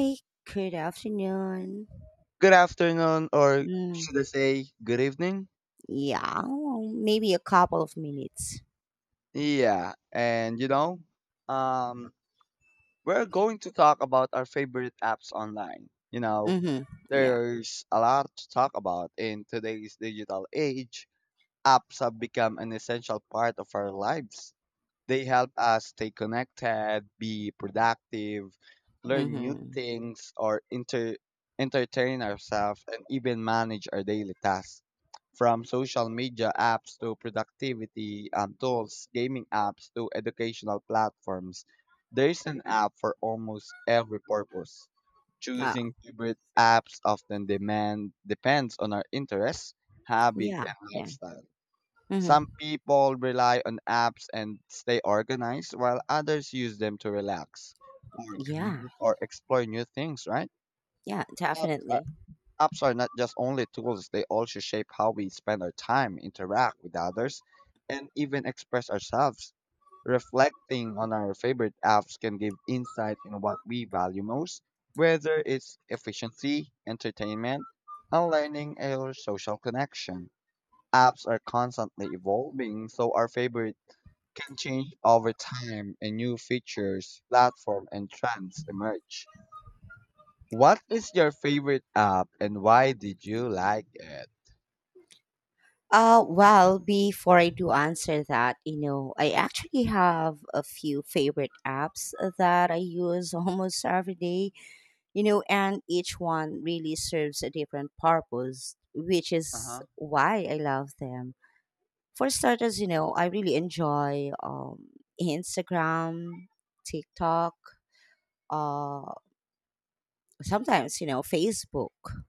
Hey, good afternoon. Good afternoon, or Mm, should I say good evening? yeah, well, maybe a couple of minutes. Yeah, and um, we're going to talk about our favorite apps online. Mm-hmm. Yeah. There's a lot to talk about in today's digital age. Apps have become an essential part of our lives. They help us stay connected, be productive, learn new Mm-hmm. things, or entertain ourselves, and even manage our daily tasks. From social media apps to productivity tools, gaming apps to educational platforms, there's an app for almost every purpose. Oh, Choosing favorite apps often demand depends on our interests, habits, yeah. and Yeah. lifestyle. Mm-hmm. Some people rely on apps and stay organized, while others use them to relax or Yeah. commute or explore new things, right? Yeah, Apps are, definitely. apps are not just only tools, they also shape how we spend our time, interact with others, and even express ourselves. Reflecting on our favorite apps can give insight in what we value most, whether it's efficiency, entertainment, and learning or social connection. Apps are constantly evolving, so our favorite can change over time and new features, platform, and trends emerge. What is your favorite app and why did you like it? Well, before I do answer that, you know, I actually have a few favorite apps that I use almost every day. You know, and each one really serves a different purpose, which is Uh-huh. why I love them. For starters, you know, I really enjoy Instagram, TikTok, uh, sometimes, you know, Facebook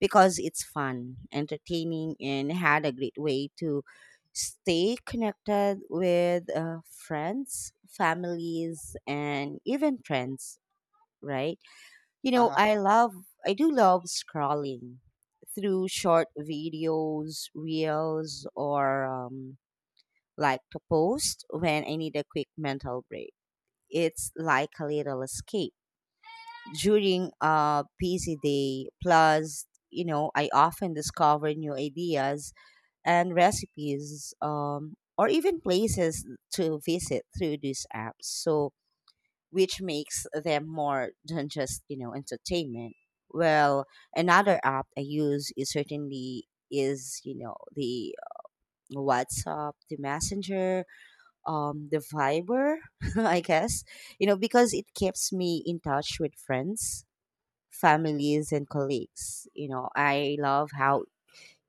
because it's fun, entertaining, and had a great way to stay connected with friends, families, and even friends, right? You know, Uh-huh. I love, I do love scrolling through short videos, reels, or like to post when I need a quick mental break. It's like a little escape during a busy day. Plus, you know, I often discover new ideas and recipes or even places to visit through these apps. So, which makes them more than just, you know, entertainment. Well, another app I use is certainly is you know the WhatsApp, the Messenger, the Viber, I guess, you know, because it keeps me in touch with friends, families, and colleagues. You know, I love how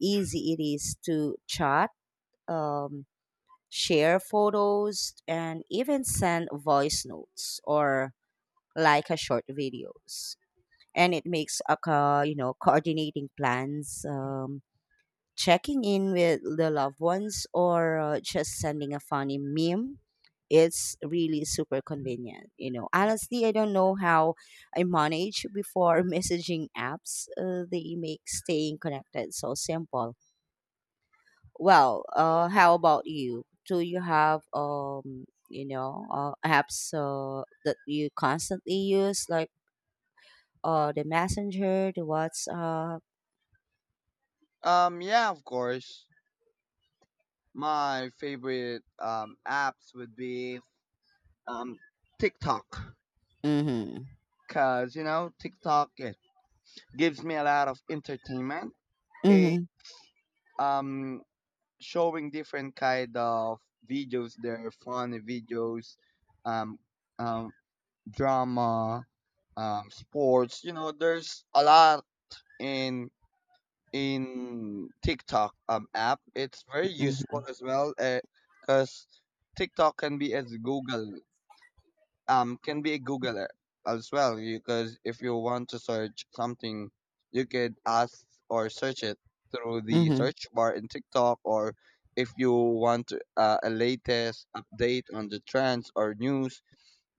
easy it is to chat, um share photos, and even send voice notes or like a short videos. And it makes a you know, coordinating plans, checking in with the loved ones, or just sending a funny meme, it's really super convenient. You know, honestly, I don't know how I manage before messaging apps. They make staying connected so simple. Well, how about you? Do you have you know apps that you constantly use, like or the Messenger, the WhatsApp? Yeah, of course. My favorite apps would be um, TikTok Mm-hmm. because TikTok it gives me a lot of entertainment. It Mm-hmm. um showing different kind of videos there, are funny videos, um, um drama, sports. You know, there's a lot in in TikTok app. It's very Mm-hmm. useful as well because TikTok can be as Google can be as well. Because if you want to search something, you could ask or search it through the Mm-hmm. search bar in TikTok. Or if you want a latest update on the trends or news,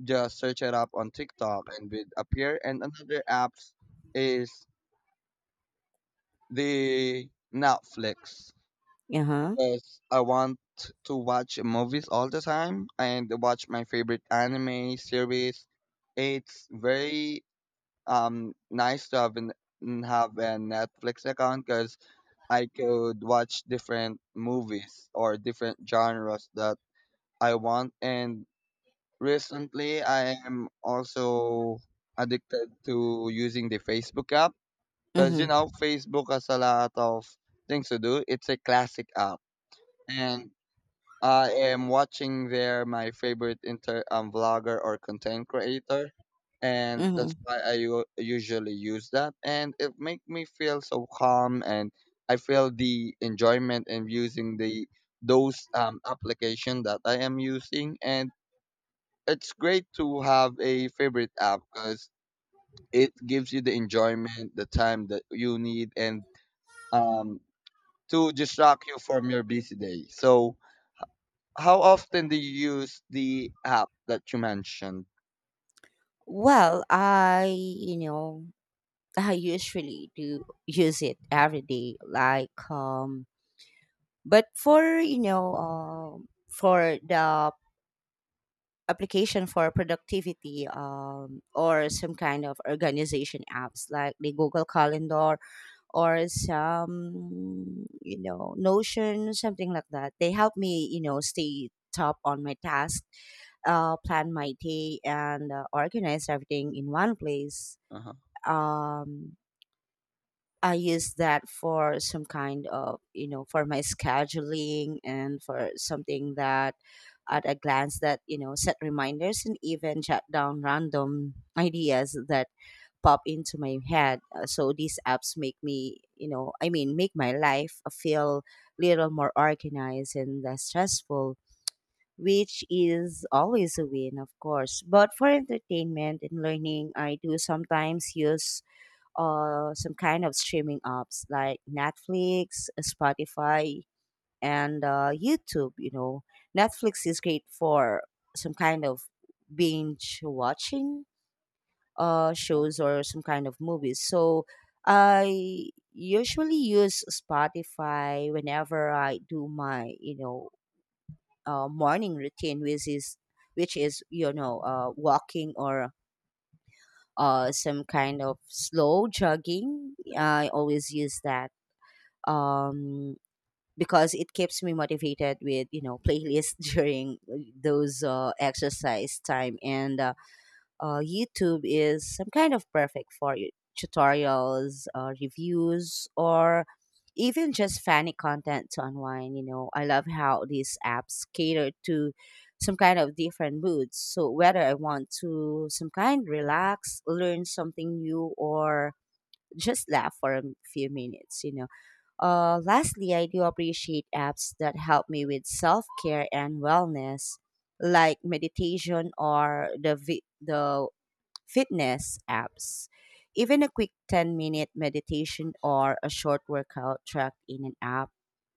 just search it up on TikTok and it appear. And another apps is the Netflix Uh-huh. because I want to watch movies all the time and watch my favorite anime series. It's very nice to have an n- have a Netflix account because I could watch different movies or different genres that I want. And recently, I am also addicted to using the Facebook app because you Mm-hmm. know Facebook has a lot of things to do. It's a classic app, and I am watching there my favorite inter vlogger or content creator, and that's Mm-hmm. why I usually use that, and it make me feel so calm, and I feel the enjoyment in using the those application that I am using, and it's great to have a favorite app because it gives you the enjoyment, the time that you need, and um to distract you from your busy day. So how often do you use the app that you mentioned? Well, I, you know, I usually do use it every day. But for, you know, for the application for productivity, or some kind of organization apps like the Google Calendar or some, you know, Notion, something like that. They help me, you know, stay top on my task, plan my day, and organize everything in one place. Uh-huh. um, I use that for some kind of, you know, for my scheduling and for something that, at a glance, that, you know, set reminders and even jot down random ideas that pop into my head. So these apps make me, make my life feel little more organized and less stressful, which is always a win, of course. But for entertainment and learning, I do sometimes use some kind of streaming apps like Netflix, Spotify, and YouTube. You know, Netflix is great for some kind of binge watching Yeah. shows or some kind of movies. So I usually use Spotify whenever I do my, you know, morning routine, which is you know, walking or some kind of slow jogging. I always use that, um, because it keeps me motivated with, you know, playlists during those exercise time. And YouTube is some kind of perfect for tutorials, reviews, or even just funny content to unwind. You know, I love how these apps cater to some kind of different moods. So whether I want to some kind relax, learn something new, or just laugh for a few minutes, you know. Lastly, I do appreciate apps that help me with self care and wellness, like meditation or the fitness apps. Even a quick 10-minute meditation or a short workout tracked in an app,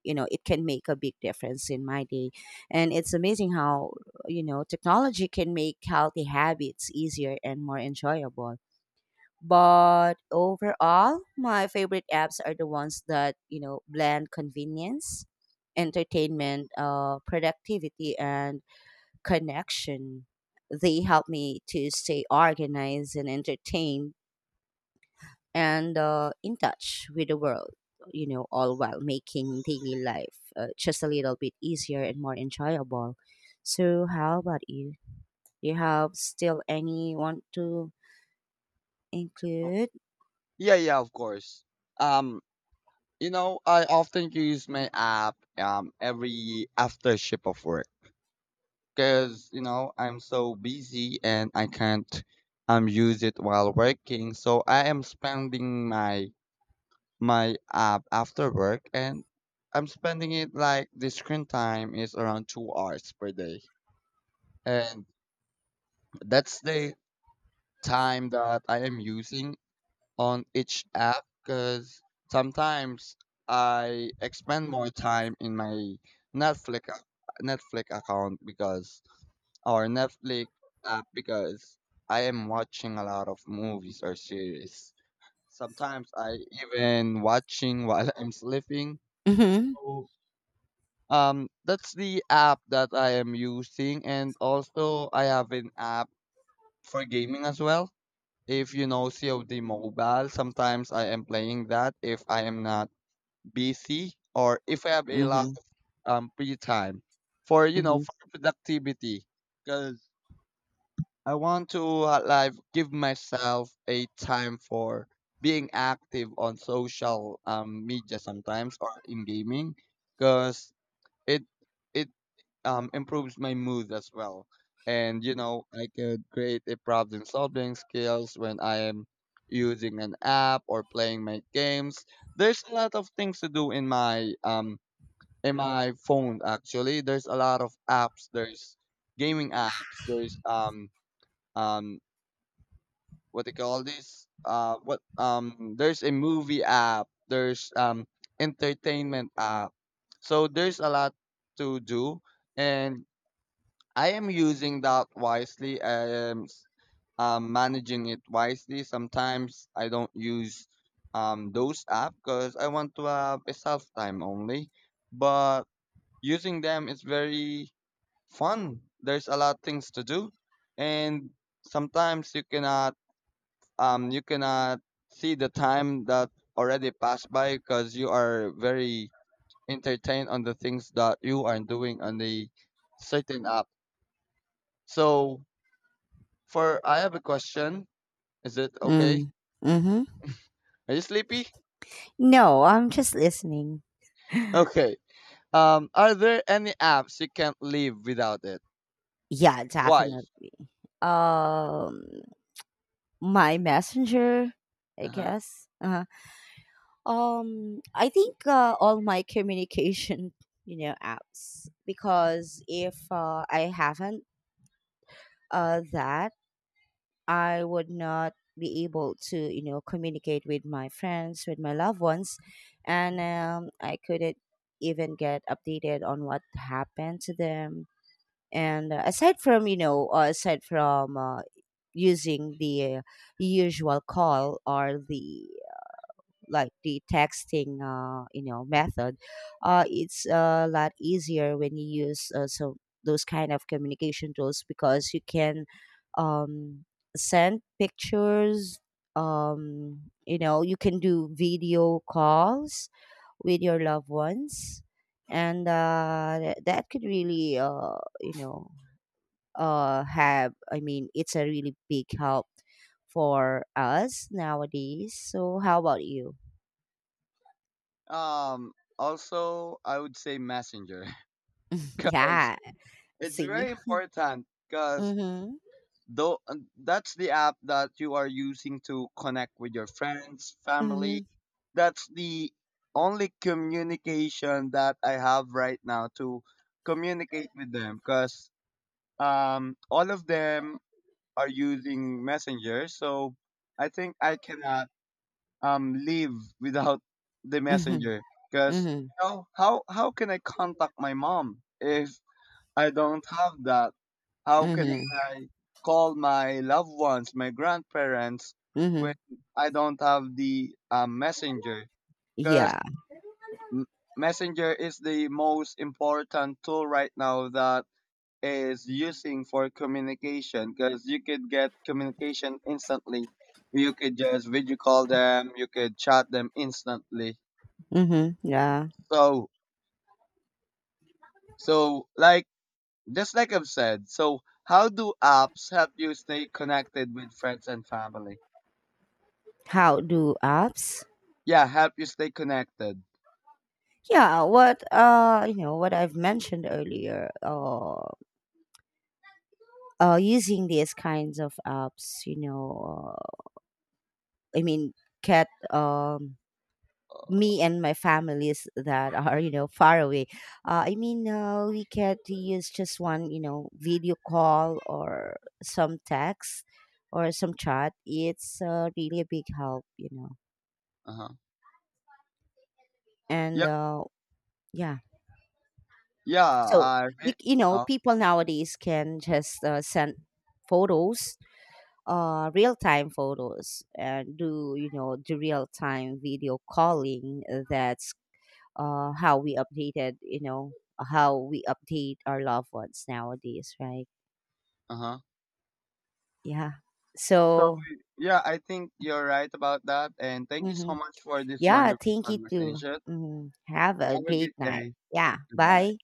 you know, it can make a big difference in my day. And it's amazing how, you know, technology can make healthy habits easier and more enjoyable. But overall, my favorite apps are the ones that, you know, blend convenience, entertainment, productivity, and connection. They help me to stay organized and entertained and in touch with the world, you know, all while making daily life just a little bit easier and more enjoyable. So, how about you? Do you have still any want to Oh, include? yeah, of course. Um, you know, I often use my app every after shift of work because you know I'm so busy and I can't use it while working. So I am spending my app after work and I'm spending it like the screen time is around 2 hours per day. And that's the time that I am using on each app because sometimes I expend more time in my Netflix account because our Netflix app. Because I am watching a lot of movies or series. Sometimes I even watching while I'm sleeping. Mm-hmm. So, that's the app that I am using, and also I have an app for gaming as well. If you know COD Mobile, sometimes I am playing that if I am not busy or if I have a lot Mm-hmm. of free time for, you know, Mm-hmm. for productivity. Because I want to like give myself a time for being active on social media sometimes or in gaming because it it improves my mood as well. And you know, I could create a problem solving skills when I am using an app or playing my games. There's a lot of things to do in my phone actually. There's a lot of apps. There's gaming apps. There's um what they call this what there's a movie app. There's entertainment app. So there's a lot to do, and I am using that wisely. I am managing it wisely. Sometimes I don't use those apps because I want to have a self time only. But using them is very fun. There's a lot of things to do, and sometimes you cannot see the time that already passed by because you are very entertained on the things that you are doing on the certain app. So. For I have a question. Is it okay? Mm. Mm-hmm. Are you sleepy? No, I'm just listening. Okay. Are there any apps you can't live without it? Yeah, Why? definitely. Um, my Messenger, I Uh-huh. guess. Uh-huh. I think all my communication, you know, apps, because if I haven't that, I would not be able to, you know, communicate with my friends, with my loved ones, and I couldn't even get updated on what happened to them. And aside from, you know, aside from using the usual call or the like the texting you know method. It's a lot easier when you use those kind of communication tools because you can, um, send pictures, you know, you can do video calls with your loved ones. And that could really you know have I mean it's a really big help for us nowadays. So how about you? Um, also, I would say Messenger because Yeah, it's see? very important. Because Mhm. though that's the app that you are using to connect with your friends, family. Mhm. That's the only communication that I have right now to communicate with them because all of them are using Messenger. So I think I cannot live without the Mhm. Messenger because Mhm. you know, how can I contact my mom if I don't have that? How can Mhm. I call my loved ones, my grandparents, when Mhm. I don't have the Messenger? Because Yeah. Messenger is the most important tool right now that is using for communication because you could get communication instantly. You could just video call them, you could chat them instantly. Mhm. Yeah. So, so, just like I've said, so how do apps help you stay connected with friends and family? How do apps? Yeah, help you stay connected. Yeah, what you know, what I've mentioned earlier, using these kinds of apps, you know, I mean, get me and my families that are, you know, far away, we can use just one, you know, video call or some text or some chat. It's really a big help, you know. Uh-huh. And Yeah, Yeah, yeah, so I re- you know, oh, people nowadays can just send photos, real time photos, and do, you know, do real time video calling. That's how we updated, you know, how we update our loved ones nowadays, right? uh-huh. Yeah. So So, yeah, I think you're right about that, and thank you so mhm. much for this Yeah, wonderful thank you too. conversation. Mhm. Have a Have a great great night. day. Yeah. Goodbye. Bye.